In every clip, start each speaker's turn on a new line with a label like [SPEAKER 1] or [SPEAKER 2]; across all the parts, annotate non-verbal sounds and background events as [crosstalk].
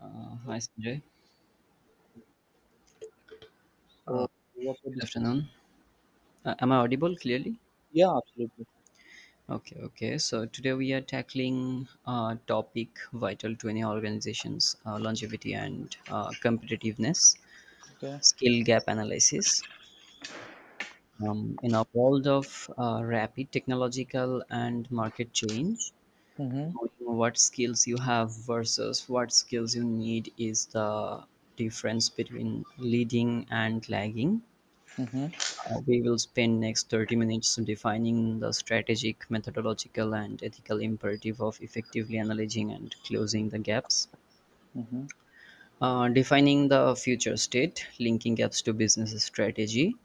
[SPEAKER 1] Hi, Sanjay. Uh,
[SPEAKER 2] So what we
[SPEAKER 1] Good
[SPEAKER 2] discussed,
[SPEAKER 1] afternoon. Am I audible clearly?
[SPEAKER 2] yeah, absolutely.
[SPEAKER 1] Okay, okay. So today we are tackling a topic vital to any organization's longevity and competitiveness,
[SPEAKER 2] Okay.
[SPEAKER 1] skill gap analysis. In a world of rapid technological and market change,
[SPEAKER 2] Mm-hmm.
[SPEAKER 1] knowing what skills you have versus what skills you need is the difference between leading and lagging.
[SPEAKER 2] Mm-hmm.
[SPEAKER 1] We will spend next 30 minutes defining the strategic, methodological, and ethical imperative of effectively analyzing and closing the gaps.
[SPEAKER 2] Mm-hmm.
[SPEAKER 1] Defining the future state, linking gaps to business strategy.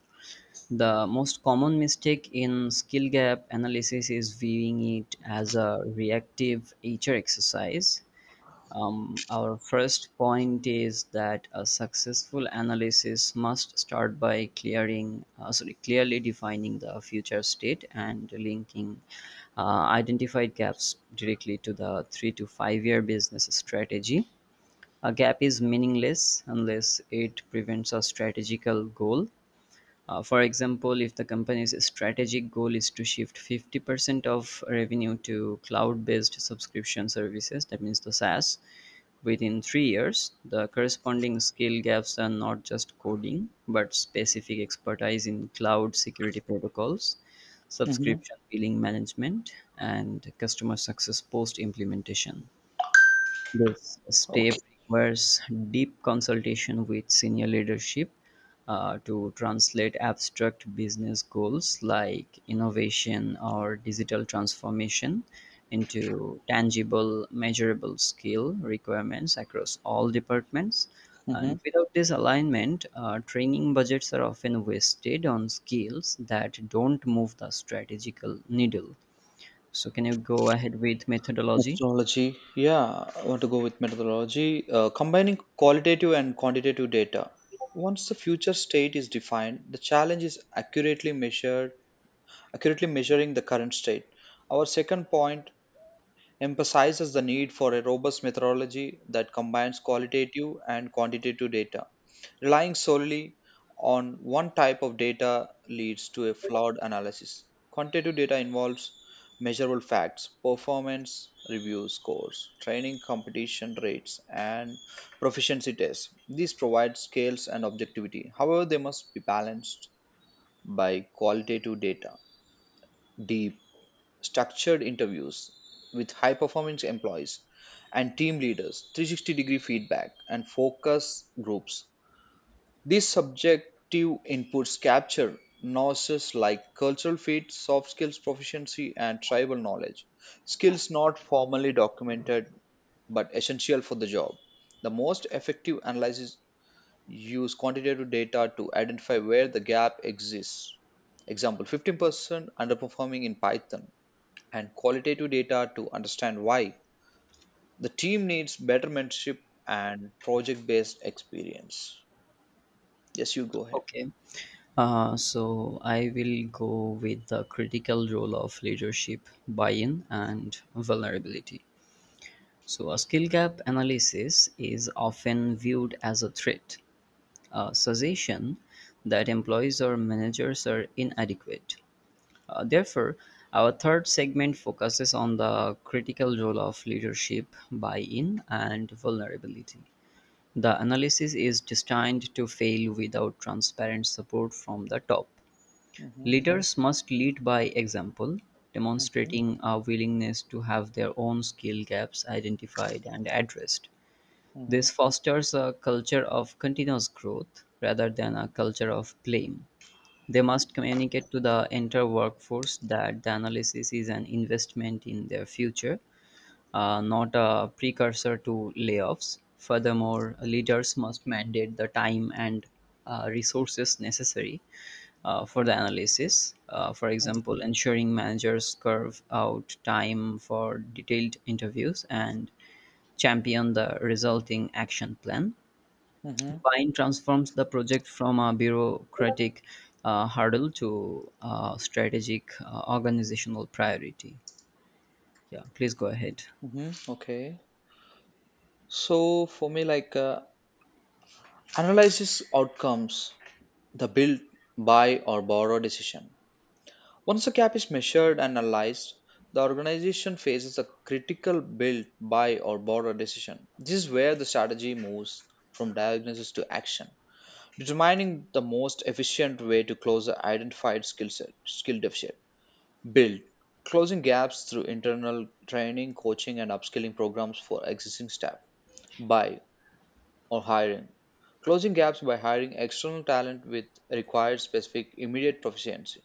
[SPEAKER 1] The most common mistake in skill gap analysis is viewing it as a reactive HR exercise. Our first point is that a successful analysis must start by clearly defining the future state and linking identified gaps directly to the 3 to 5 year business strategy. A gap is meaningless unless it prevents a strategical goal. For example, if the company's strategic goal is to shift 50% of revenue to cloud based subscription services, that means the SaaS, within 3 years, the corresponding skill gaps are not just coding, but specific expertise in cloud security protocols,
[SPEAKER 2] Mm-hmm.
[SPEAKER 1] subscription billing management, and customer success post implementation. This
[SPEAKER 2] Okay.
[SPEAKER 1] step requires deep consultation with senior leadership to translate abstract business goals like innovation or digital transformation into tangible, measurable skill requirements across all departments.
[SPEAKER 2] Mm-hmm.
[SPEAKER 1] And without this alignment, training budgets are often wasted on skills that don't move the strategical needle. So, can you go ahead with methodology?
[SPEAKER 2] Methodology. Yeah, I want to go with methodology. Combining qualitative and quantitative data. Once the future state is defined, the challenge is accurately measuring the current state. Our second point emphasizes the need for a robust methodology that combines qualitative and quantitative data. Relying solely on one type of data leads to a flawed analysis. Quantitative data involves measurable facts, performance review scores, training competition rates, and proficiency tests. These provide scales and objectivity. However, they must be balanced by qualitative data, deep, structured interviews with high performing employees and team leaders, 360-degree feedback, and focus groups. These subjective inputs capture nuances like cultural fit, soft skills proficiency, and tribal knowledge, skills not formally documented but essential for the job. The most effective analysis use quantitative data to identify where the gap exists. Example, 15% underperforming in Python, and qualitative data to understand why. The team needs better mentorship and project based experience. Yes, you go ahead.
[SPEAKER 1] Okay. So I will go with the critical role of leadership, buy-in, and vulnerability. So a skill gap analysis is often viewed as a threat, a suggestion that employees or managers are inadequate. Therefore, our third segment focuses on the critical role of leadership, buy-in, and vulnerability. The analysis is destined to fail without transparent support from the top.
[SPEAKER 2] Mhm,
[SPEAKER 1] Leaders must lead by example,
[SPEAKER 2] mhm.
[SPEAKER 1] demonstrating a willingness to have their own skill gaps identified and addressed.
[SPEAKER 2] Mm-hmm.
[SPEAKER 1] This fosters a culture of continuous growth rather than a culture of blame. They must communicate to the entire workforce that the analysis is an investment in their future, not a precursor to layoffs. Furthermore, leaders must mandate the time and resources necessary for the analysis. For example, ensuring managers carve out time for detailed interviews and champion the resulting action plan.
[SPEAKER 2] Mm-hmm.
[SPEAKER 1] Vine transforms the project from a bureaucratic hurdle to a strategic organizational priority. Yeah, please go ahead.
[SPEAKER 2] Mm-hmm. Okay. So for me, analyzes outcomes, the build, buy, or borrow decision. Once the cap is measured and analyzed, the organization faces a critical build, buy, or borrow decision. This is where the strategy moves from diagnosis to action, determining the most efficient way to close the skill deficit. Build, closing gaps through internal training, coaching, and upskilling programs for existing staff. Buy or hiring, closing gaps by hiring external talent with required specific immediate proficiency.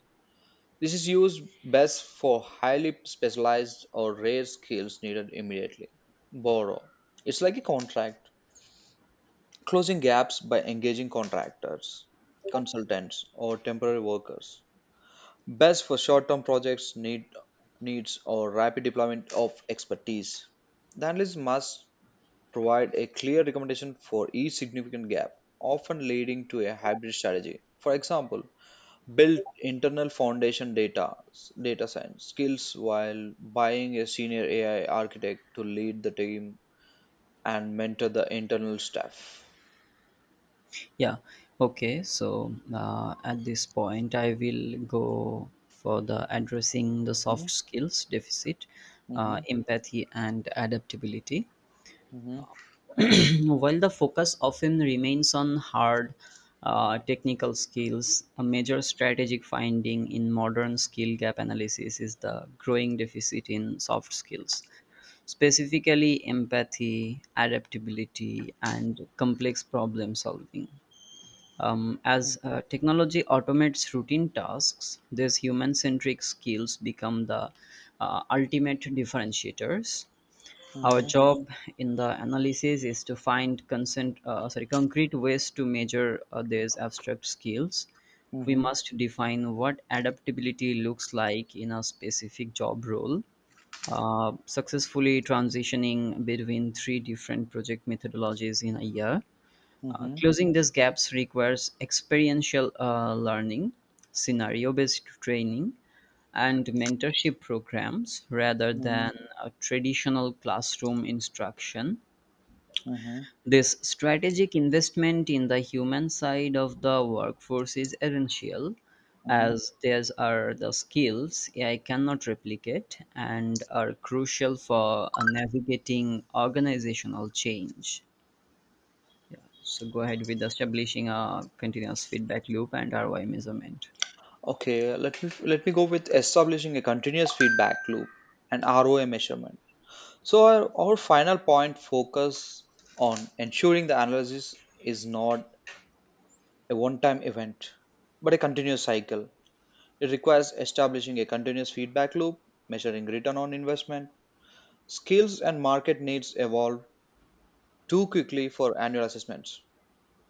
[SPEAKER 2] This is used best for highly specialized or rare skills needed immediately. Borrow, it's like a contract. Closing gaps by engaging contractors, consultants, or temporary workers. Best for short-term projects need needs or rapid deployment of expertise. The analyst must provide a clear recommendation for each significant gap, often leading to a hybrid strategy. For example, build internal foundation data science skills while buying a senior AI architect to lead the team and mentor the internal staff.
[SPEAKER 1] Yeah. Okay. So at this point, I will go for the addressing the soft
[SPEAKER 2] Mhm,
[SPEAKER 1] skills deficit,
[SPEAKER 2] mhm,
[SPEAKER 1] empathy, and adaptability.
[SPEAKER 2] mhm,
[SPEAKER 1] [clears throat] While the focus often remains on hard technical skills, a major strategic finding in modern skill gap analysis is the growing deficit in soft skills specifically empathy, adaptability, and complex problem solving. As
[SPEAKER 2] mhm,
[SPEAKER 1] technology automates routine tasks, these human centric skills become the ultimate differentiators. Our
[SPEAKER 2] mhm,
[SPEAKER 1] job in the analysis is to find concrete ways to measure these abstract skills. We
[SPEAKER 2] mhm,
[SPEAKER 1] must define what adaptability looks like in a specific job role, successfully transitioning between three different project methodologies in a year. Uh,
[SPEAKER 2] mhm,
[SPEAKER 1] closing these gaps requires experiential learning, scenario based training, and mentorship programs rather
[SPEAKER 2] mhm,
[SPEAKER 1] than a traditional classroom instruction.
[SPEAKER 2] mhm,
[SPEAKER 1] This strategic investment in the human side of the workforce is essential
[SPEAKER 2] mhm.
[SPEAKER 1] as these are the skills AI cannot replicate and are crucial for navigating organizational change. So go ahead with establishing a continuous feedback loop and ROI measurement.
[SPEAKER 2] Okay, let me go with establishing a continuous feedback loop and ROI measurement. So our final point focus on ensuring the analysis is not a one-time event, but a continuous cycle. It requires establishing a continuous feedback loop, measuring return on investment. Skills and market needs evolve too quickly for annual assessments.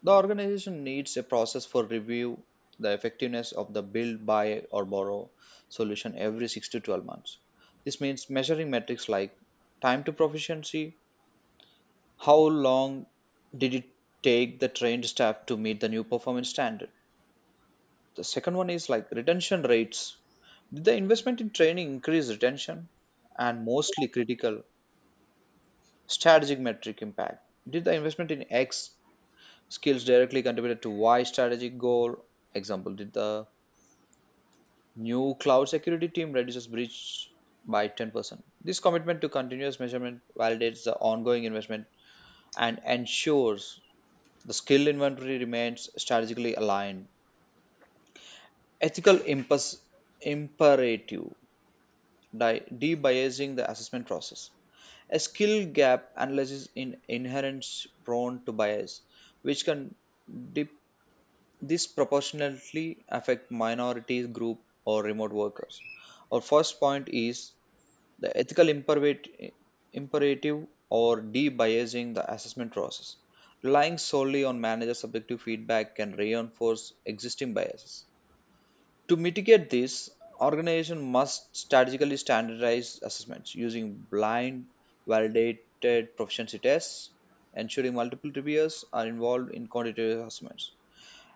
[SPEAKER 2] The organization needs a process for review the effectiveness of the build, buy, or borrow solution every 6 to 12 months. This means measuring metrics like time to proficiency. How long did it take the trained staff to meet the new performance standard. The second one is like retention rates. Did the investment in training increase retention? And mostly critical, strategic metric impact. Did the investment in X skills directly contributed to why strategic goal. Example, did the new cloud security team reduces breach by 10%. This commitment to continuous measurement validates the ongoing investment and ensures the skill inventory remains strategically aligned. Ethical imperative, debiasing the assessment process. A skill gap analysis in inherent prone to bias, which can this proportionately affect minority group or remote workers. Our first point is the ethical imperative or debiasing the assessment process. Relying solely on manager subjective feedback can reinforce existing biases. To mitigate this, organization must strategically standardize assessments using blind validated proficiency tests, ensuring multiple reviewers are involved in quantitative assessments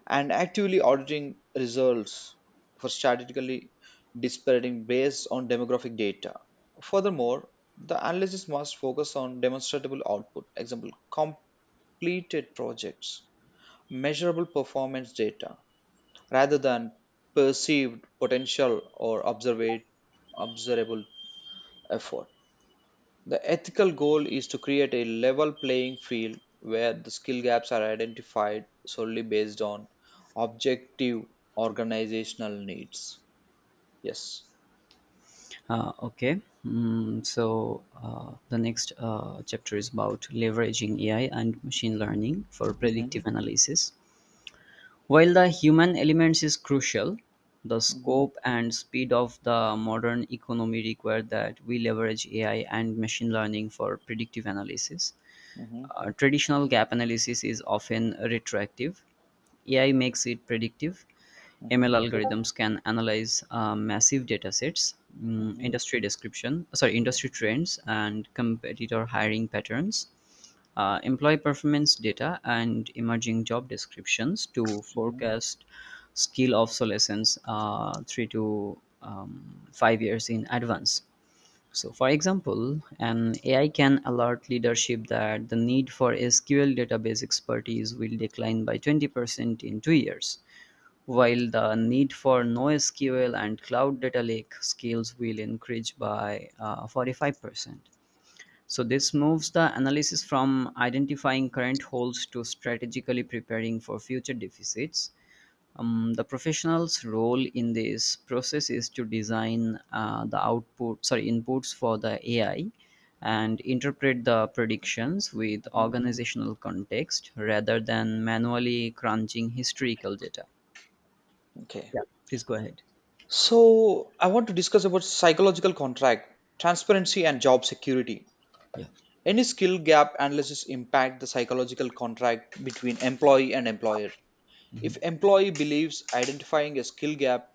[SPEAKER 2] and actively auditing results for statistically disparate based on demographic data. Furthermore, the analysis must focus on demonstrable output, example, completed projects, measurable performance data, rather than perceived potential or observable effort. The ethical goal is to create a level playing field where the skill gaps are identified solely based on objective organizational needs. Yes.
[SPEAKER 1] The next chapter is about leveraging AI and machine learning for predictive
[SPEAKER 2] Mhm,
[SPEAKER 1] analysis. While the human elements is crucial, the
[SPEAKER 2] mhm,
[SPEAKER 1] scope and speed of the modern economy require that we leverage AI and machine learning for predictive analysis.
[SPEAKER 2] mhm,
[SPEAKER 1] Traditional gap analysis is often retroactive, AI makes it predictive, ML
[SPEAKER 2] mhm,
[SPEAKER 1] algorithms can analyze massive data sets,
[SPEAKER 2] mhm,
[SPEAKER 1] industry trends and competitor hiring patterns, employee performance data, and emerging job descriptions to
[SPEAKER 2] mhm,
[SPEAKER 1] forecast skill obsolescence uh, three to 5 years in advance. So, for example, an AI can alert leadership that the need for SQL database expertise will decline by 20% in 2 years while the need for NoSQL and Cloud Data Lake skills will increase by 45%. So, this moves the analysis from identifying current holes to strategically preparing for future deficits. The professional's role in this process is to design inputs for the AI and interpret the predictions with
[SPEAKER 2] mhm.
[SPEAKER 1] organizational context rather than manually crunching historical data.
[SPEAKER 2] Okay.
[SPEAKER 1] Yeah, please go ahead.
[SPEAKER 2] So I want to discuss about psychological contract, transparency, and job security. Any skill gap analysis impact the psychological contract between employee and employer. If employee believes identifying a skill gap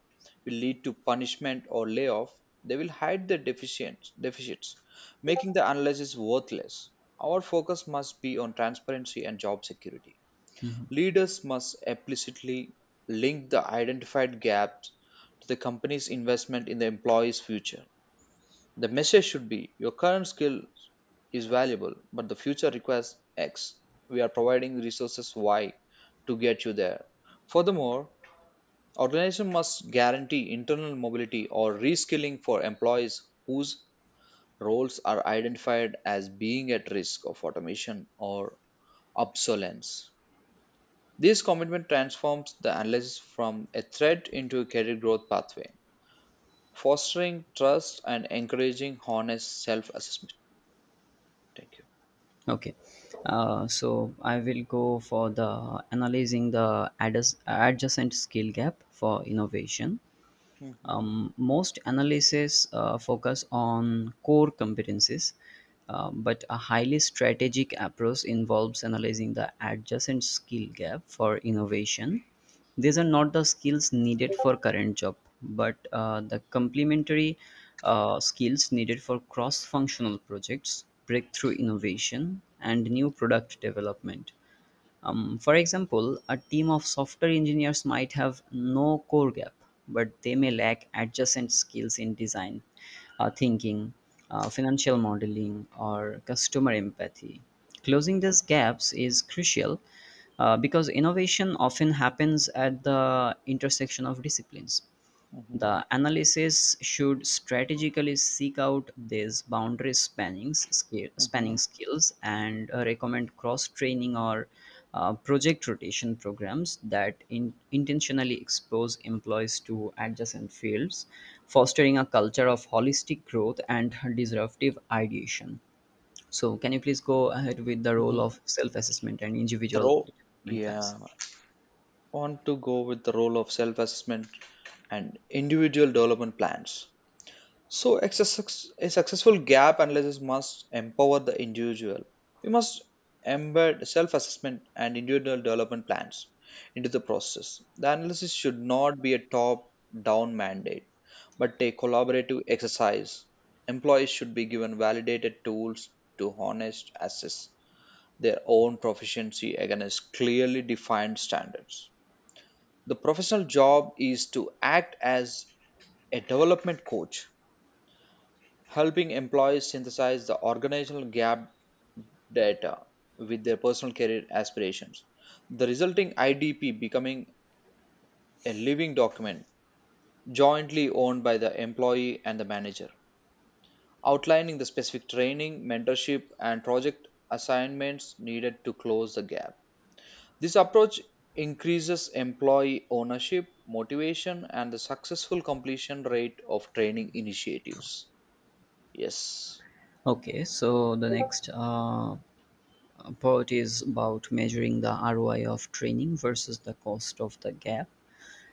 [SPEAKER 2] will lead to punishment or layoff, they will hide their deficits, making the analysis worthless. Our focus must be on transparency and job security.
[SPEAKER 1] Mhm.
[SPEAKER 2] Leaders must explicitly link the identified gaps to the company's investment in the employee's future. The message should be your current skill is valuable, but the future requires X. We are providing resources Y to get you there. Furthermore, organization must guarantee internal mobility or reskilling for employees whose roles are identified as being at risk of automation or obsolescence. This commitment transforms the analysis from a threat into a career growth pathway, fostering trust and encouraging honest self assessment. Thank you.
[SPEAKER 1] Okay, so I will go for the analyzing the adjacent skill gap for innovation.
[SPEAKER 2] Mhm,
[SPEAKER 1] Most analyses focus on core competencies, but a highly strategic approach involves analyzing the adjacent skill gap for innovation. These are not the skills needed for current job, but the complementary skills needed for cross-functional projects, breakthrough innovation, and new product development. For example, a team of software engineers might have no core gap, but they may lack adjacent skills in design, thinking, financial modeling, or customer empathy. Closing these gaps is crucial because innovation often happens at the intersection of disciplines.
[SPEAKER 2] mhm,
[SPEAKER 1] The analysis should strategically seek out these boundary
[SPEAKER 2] mhm,
[SPEAKER 1] spanning skills and recommend cross training or project rotation programs that intentionally expose employees to adjacent fields, fostering a culture of holistic growth and disruptive ideation. So, can you please go ahead with the role
[SPEAKER 2] mhm.
[SPEAKER 1] of self assessment and
[SPEAKER 2] The
[SPEAKER 1] individual
[SPEAKER 2] role,
[SPEAKER 1] development plans?
[SPEAKER 2] yeah, I want to go with the role of self assessment and individual development plans. So, a a successful gap analysis must empower the individual. We must embed self assessment and individual development plans into the process. The analysis should not be a top down mandate, but a collaborative exercise. Employees should be given validated tools to honest assess their own proficiency against clearly defined standards. The professional job is to act as a development coach, helping employees synthesize the organizational gap data with their personal career aspirations. The resulting IDP becoming a living document jointly owned by the employee and the manager, outlining the specific training, mentorship, and project assignments needed to close the gap. This approach increases employee ownership, motivation, and the successful completion rate of training initiatives. Yes.
[SPEAKER 1] Okay, so the next part is about measuring the ROI of training versus the cost of the gap.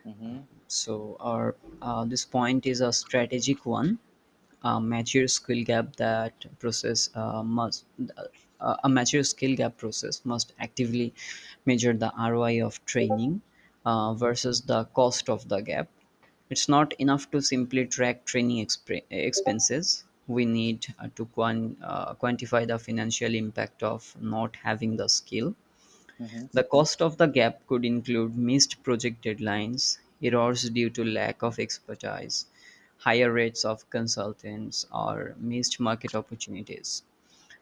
[SPEAKER 2] Hmm.
[SPEAKER 1] So our this point is a strategic one. A mature skill gap that process must A mature skill gap process must actively measure the ROI of training
[SPEAKER 2] Hmm.
[SPEAKER 1] versus the cost of the gap. It's not enough to simply track training expenses. We need to quantify the financial impact of not having the skill.
[SPEAKER 2] Hmm.
[SPEAKER 1] The cost of the gap could include missed project deadlines, errors due to lack of expertise, higher rates of consultants, or missed market opportunities.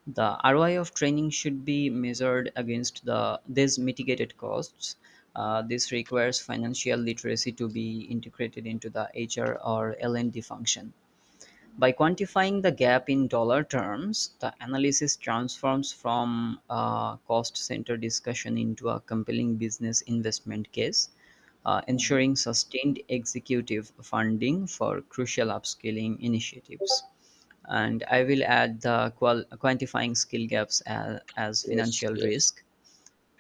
[SPEAKER 1] The ROI of training should be measured against these mitigated costs. This requires financial literacy to be integrated into the HR or L&D function. By quantifying the gap in dollar terms, the analysis transforms from a cost-centered discussion into a compelling business investment case,
[SPEAKER 2] Hmm.
[SPEAKER 1] ensuring sustained executive funding for crucial upskilling initiatives. And I will add the quantifying skill gaps as
[SPEAKER 2] Yes,
[SPEAKER 1] financial
[SPEAKER 2] yes,
[SPEAKER 1] risk.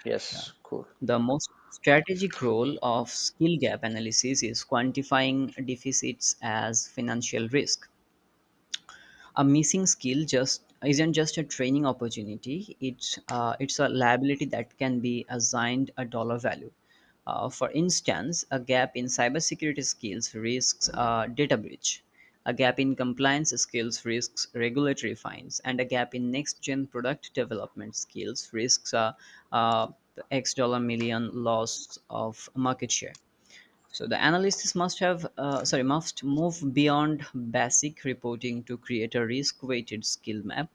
[SPEAKER 2] yes, cool.
[SPEAKER 1] The most strategic role of skill gap analysis is quantifying deficits as financial risk. A missing skill just isn't just a training opportunity, it's a liability that can be assigned a dollar value. Uh, for instance, a gap in cybersecurity skills risks data breach, a gap in compliance skills risks regulatory fines, and a gap in next gen product development skills risks uh, x dollar million loss of market share. So the analysts must move beyond basic reporting to create a risk-weighted skill map,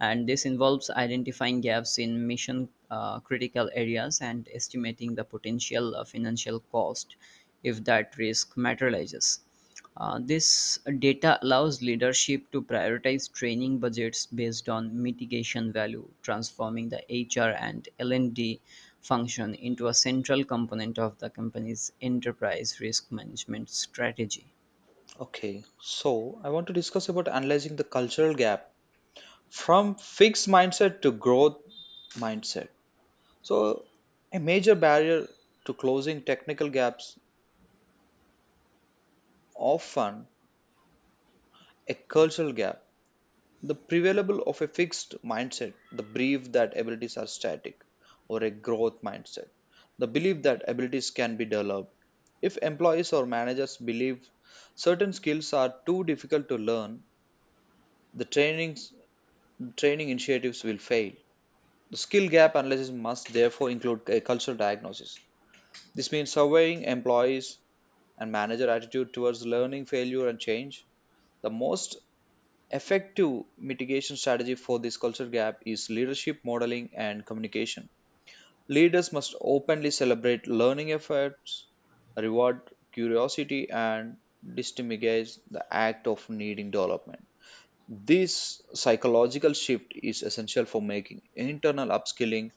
[SPEAKER 1] and this involves identifying gaps in mission critical areas and estimating the potential financial cost if that risk materializes. This data allows leadership to prioritize training budgets based on mitigation value, transforming the HR and L&D function into a central component of the company's enterprise risk management strategy.
[SPEAKER 2] Okay, so I want to discuss about analyzing the cultural gap from fixed mindset to growth mindset. So, a major barrier to closing technical gaps often a cultural gap. The prevailable of a fixed mindset, the belief that abilities are static, or a growth mindset, the belief that abilities can be developed. If employees or managers believe certain skills are too difficult to learn, the training initiatives will fail. The skill gap analysis must therefore include a cultural diagnosis. This means surveying employees and manager attitude towards learning, failure, and change. The most effective mitigation strategy for this culture gap is leadership modeling and communication. Leaders must openly celebrate learning efforts, reward curiosity, and destigmatize the act of needing development. This psychological shift is essential for making internal upskilling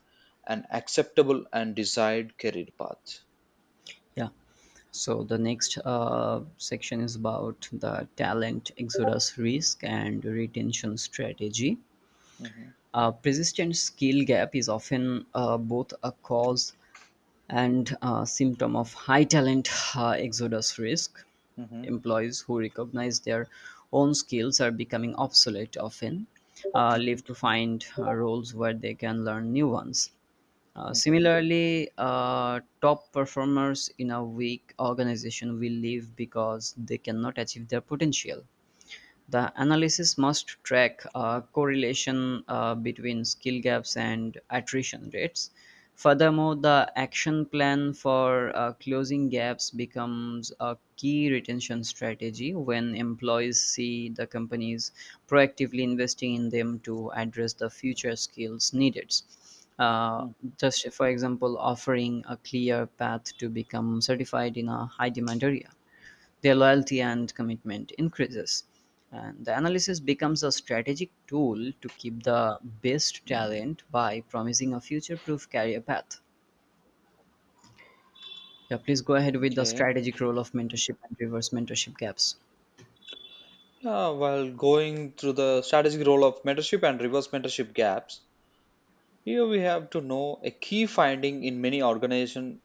[SPEAKER 2] an acceptable and desired career path.
[SPEAKER 1] Yeah. So the next section is about the talent exodus risk and retention strategy.
[SPEAKER 2] Mhm,
[SPEAKER 1] A persistent skill gap is often both a cause and a symptom of high talent exodus risk.
[SPEAKER 2] mhm,
[SPEAKER 1] Employees who recognize their own skills are becoming obsolete often,
[SPEAKER 2] mhm.
[SPEAKER 1] live to find roles where they can learn new ones. Uh,
[SPEAKER 2] Okay.
[SPEAKER 1] similarly, uh, top performers in a weak organization will leave because they cannot achieve their potential. The analysis must track a correlation between skill gaps and attrition rates. Furthermore, the action plan for closing gaps becomes a key retention strategy when employees see the companies proactively investing in them to address the future skills needed. Uh,
[SPEAKER 2] Mhm.
[SPEAKER 1] just for example, offering a clear path to become certified in a high demand area, their loyalty and commitment increases. And the analysis becomes a strategic tool to keep the best talent by promising a future proof career path. Yeah, please go ahead with the
[SPEAKER 2] Okay.
[SPEAKER 1] strategic role of mentorship and reverse mentorship gaps.
[SPEAKER 2] While going through the strategic role of mentorship and reverse mentorship gaps, here we have to know a key finding in many organizations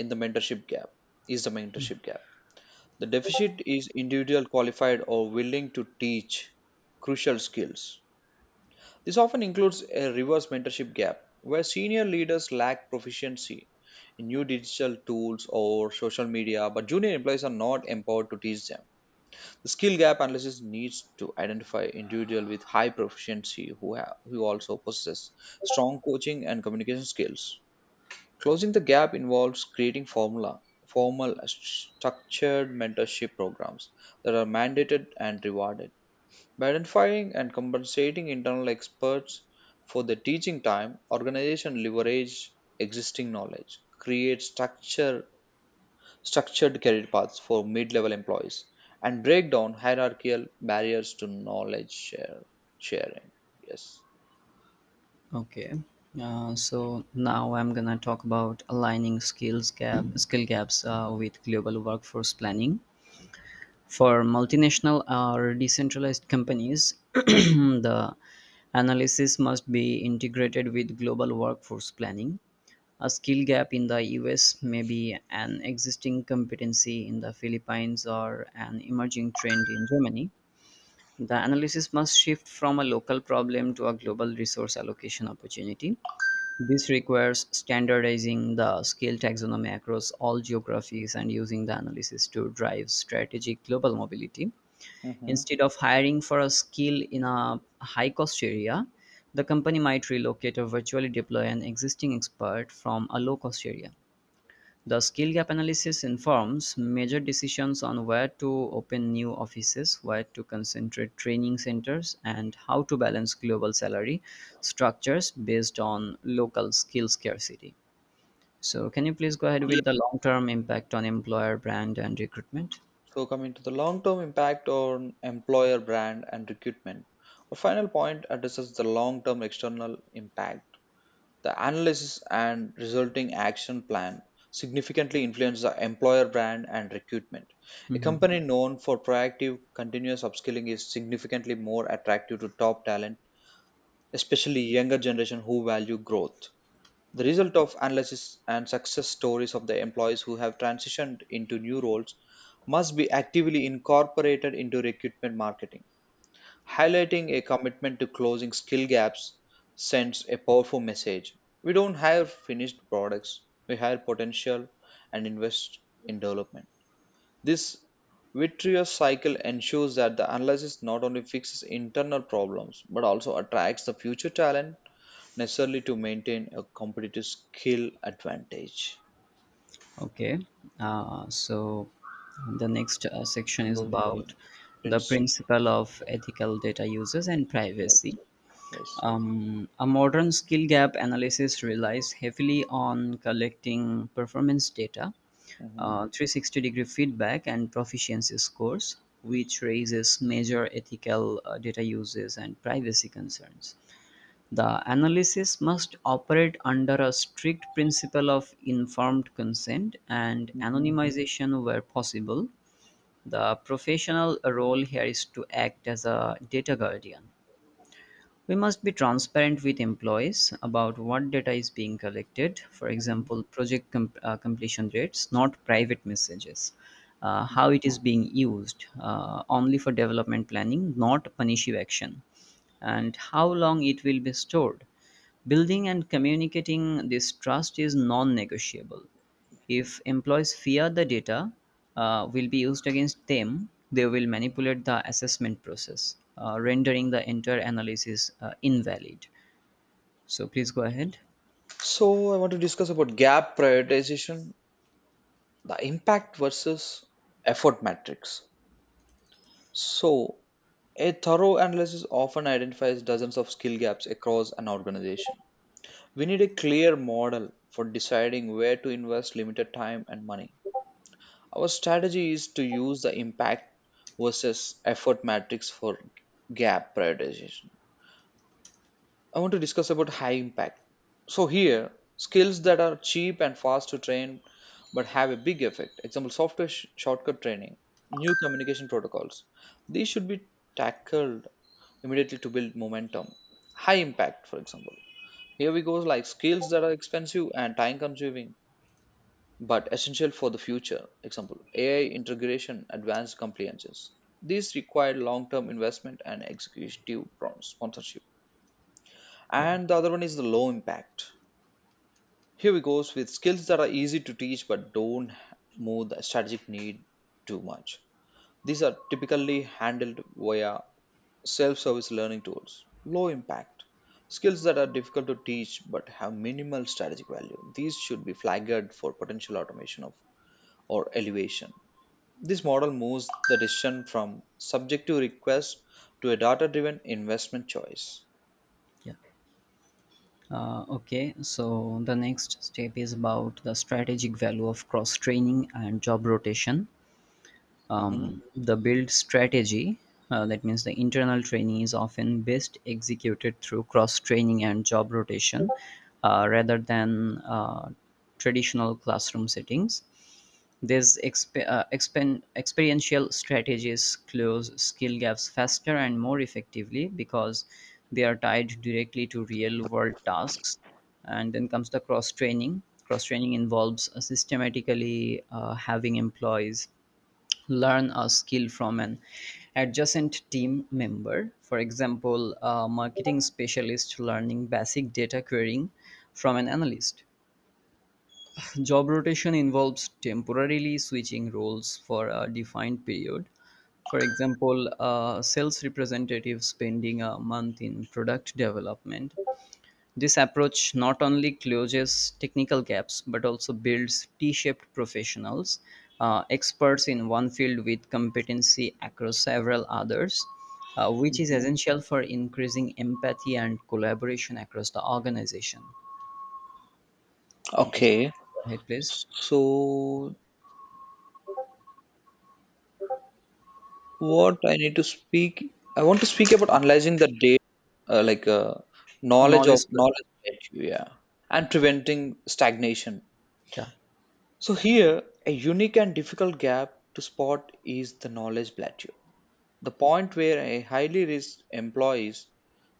[SPEAKER 2] in the mentorship gap is the mentorship gap. The deficit is individual qualified or willing to teach crucial skills. This often includes a reverse mentorship gap where senior leaders lack proficiency in new digital tools or social media, but junior employees are not empowered to teach them. The skill gap analysis needs to identify individual with high proficiency who also possess strong coaching and communication skills. Closing the gap involves creating formula formal structured mentorship programs that are mandated and rewarded. By identifying and compensating internal experts for their teaching time, organization leverage existing knowledge, create structured career paths for mid level employees, and break down hierarchical barriers to sharing. Yes.
[SPEAKER 1] Okay. So now I'm gonna talk about aligning skill gaps with global workforce planning. For multinational or decentralized companies, [clears throat] the analysis must be integrated with global workforce planning. A skill gap in the US may be an existing competency in the Philippines or an emerging trend in Germany. The analysis must shift from a local problem to a global resource allocation opportunity. This requires standardizing the skill taxonomy across all geographies and using the analysis to drive strategic global mobility.
[SPEAKER 2] Mm-hmm.
[SPEAKER 1] Instead of hiring for a skill in a high cost area, the company might relocate or virtually deploy an existing expert from a low cost area. The skill gap analysis informs major decisions on where to open new offices, where to concentrate training centers, and how to balance global salary structures based on local skill scarcity. So, can you please go ahead
[SPEAKER 2] Yeah.
[SPEAKER 1] with the long term impact on employer brand and recruitment?
[SPEAKER 2] So, coming to the long term impact on employer brand and recruitment, our final point addresses the long term external impact. The analysis and resulting action plan significantly influence the employer brand and recruitment. A
[SPEAKER 1] Mhm.
[SPEAKER 2] company known for proactive, continuous upskilling is significantly more attractive to top talent, especially younger generation who value growth. The result of analysis and success stories of the employees who have transitioned into new roles must be actively incorporated into recruitment marketing. Highlighting a commitment to closing skill gaps sends a powerful message. We don't hire finished products, we hire potential and invest in development. This virtuous cycle ensures that the analysis not only fixes internal problems but also attracts the future talent necessarily to maintain a competitive skill advantage.
[SPEAKER 1] Okay, so the next section is
[SPEAKER 2] Convert, yeah.
[SPEAKER 1] about the
[SPEAKER 2] Prince,
[SPEAKER 1] principle of ethical data uses and
[SPEAKER 2] yes,
[SPEAKER 1] privacy.
[SPEAKER 2] yes.
[SPEAKER 1] A modern skill gap analysis relies heavily on collecting performance data,
[SPEAKER 2] Hmm.
[SPEAKER 1] 360-degree feedback, and proficiency scores, which raises major ethical data uses and privacy concerns. The analysis must operate under a strict principle of informed consent and
[SPEAKER 2] Hmm.
[SPEAKER 1] anonymization where possible. The professional role here is to act as a data guardian. We must be transparent with employees about what data is being collected, for
[SPEAKER 2] Hmm.
[SPEAKER 1] example, completion rates, not private messages, how it is being used, only for development planning, not punitive action, and how long it will be stored. Building and communicating this trust is non negotiable. If employees fear the data will be used against them, they will manipulate the assessment process, rendering the entire analysis invalid. So please go ahead.
[SPEAKER 2] So I want to discuss about gap prioritization, the impact versus effort matrix. So a thorough analysis often identifies dozens of skill gaps across an organization. We need a clear model for deciding where to invest limited time and money. Our strategy is to use the impact versus effort matrix for gap prioritization. I want to discuss about high impact. So here, skills that are cheap and fast to train but have a big effect. Example, software shortcut training, new communication protocols. These should be tackled immediately to build momentum. High impact, for example. Here we go like skills that are expensive and time consuming but essential for the future. Example, AI integration, advanced compliances. These require long term investment and executive sponsorship.
[SPEAKER 1] Yeah,
[SPEAKER 2] And the other one is the low impact. Here we goes with skills that are easy to teach but don't move the strategic need too much. These are typically handled via self service learning tools. Low impact. Skills that are difficult to teach but have minimal strategic value. These should be flagged for potential automation of or elevation. This model moves the decision from subjective request to a data driven investment choice.
[SPEAKER 1] yeah. Okay, so the next step is about the strategic value of cross training and job rotation.
[SPEAKER 2] Mhm,
[SPEAKER 1] The build strategy that means the internal training is often best executed through cross training and job rotation rather than traditional classroom settings. These experiential strategies close skill gaps faster and more effectively because they are tied directly to real world tasks. And then comes the cross training. Cross training involves systematically having employees learn a skill from an adjacent team member. For example, a marketing specialist learning basic data querying from an analyst. Job rotation involves temporarily switching roles for a defined period. For example, a sales representative spending a month in product development. This approach not only closes technical gaps but also builds T shaped professionals, experts in one field with competency across several others, which is
[SPEAKER 2] mhm.
[SPEAKER 1] essential for increasing empathy and collaboration across the organization. Okay, so
[SPEAKER 2] Okay.
[SPEAKER 1] go ahead, please.
[SPEAKER 2] So, what I need to speak, I want to speak about analyzing the data, uh, like uh, knowledge of
[SPEAKER 1] Knowledge cluster.
[SPEAKER 2] knowledge, edge, yeah, and preventing stagnation.
[SPEAKER 1] Yeah.
[SPEAKER 2] So, here, a unique and difficult gap to spot is the knowledge plateau, the point where a highly risked employees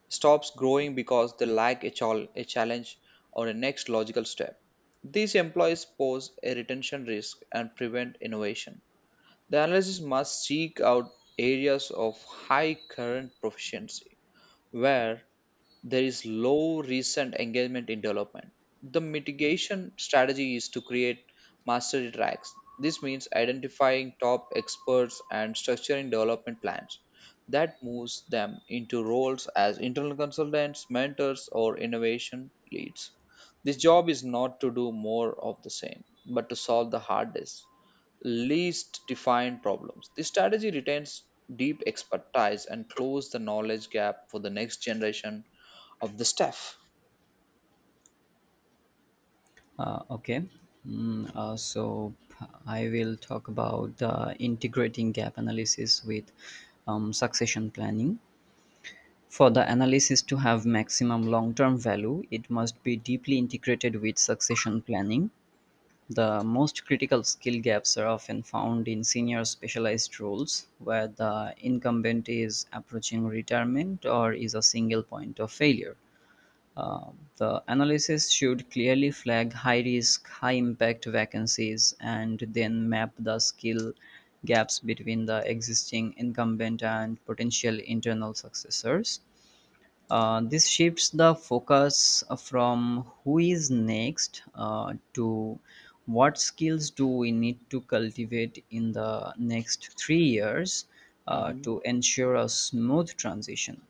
[SPEAKER 2] stops growing because they lack a challenge or a next logical step. These employees pose a retention risk and prevent innovation. The analysis must seek out areas of high current proficiency where there is low recent engagement in development. The mitigation strategy is to create mastery tracks. This means identifying top experts and structuring development plans that moves them into roles as internal consultants, mentors, or innovation leads. This job is not to do more of the same, but to solve the hardest least defined problems. This strategy retains deep expertise and close the knowledge gap for the next generation of the staff.
[SPEAKER 1] Okay. So I will talk about the integrating gap analysis with succession planning. For the analysis to have maximum long-term value, it must be deeply integrated with succession planning. The most critical skill gaps are often found in senior specialized roles where the incumbent is approaching retirement or is a single point of failure. Uh, the analysis should clearly flag high risk, high impact vacancies and then map the skill gaps between the existing incumbent and potential internal successors. This shifts the focus from who is next to what skills do we need to cultivate in the next 3 years
[SPEAKER 2] Mm-hmm.
[SPEAKER 1] to ensure a smooth transition.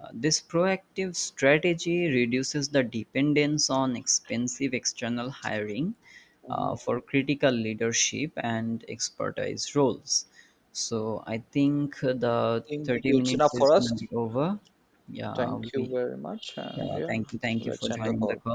[SPEAKER 1] This proactive strategy reduces the dependence on expensive external hiring
[SPEAKER 2] Hmm.
[SPEAKER 1] for critical leadership and expertise roles. So I think the
[SPEAKER 2] Think
[SPEAKER 1] 30
[SPEAKER 2] it's enough
[SPEAKER 1] minutes is
[SPEAKER 2] for
[SPEAKER 1] going
[SPEAKER 2] us.
[SPEAKER 1] to be over. Yeah,
[SPEAKER 2] Thank you
[SPEAKER 1] we.
[SPEAKER 2] very much. And
[SPEAKER 1] Yeah,
[SPEAKER 2] yeah,
[SPEAKER 1] thank you. Thank you for
[SPEAKER 2] let's end the
[SPEAKER 1] joining the
[SPEAKER 2] call.
[SPEAKER 1] call.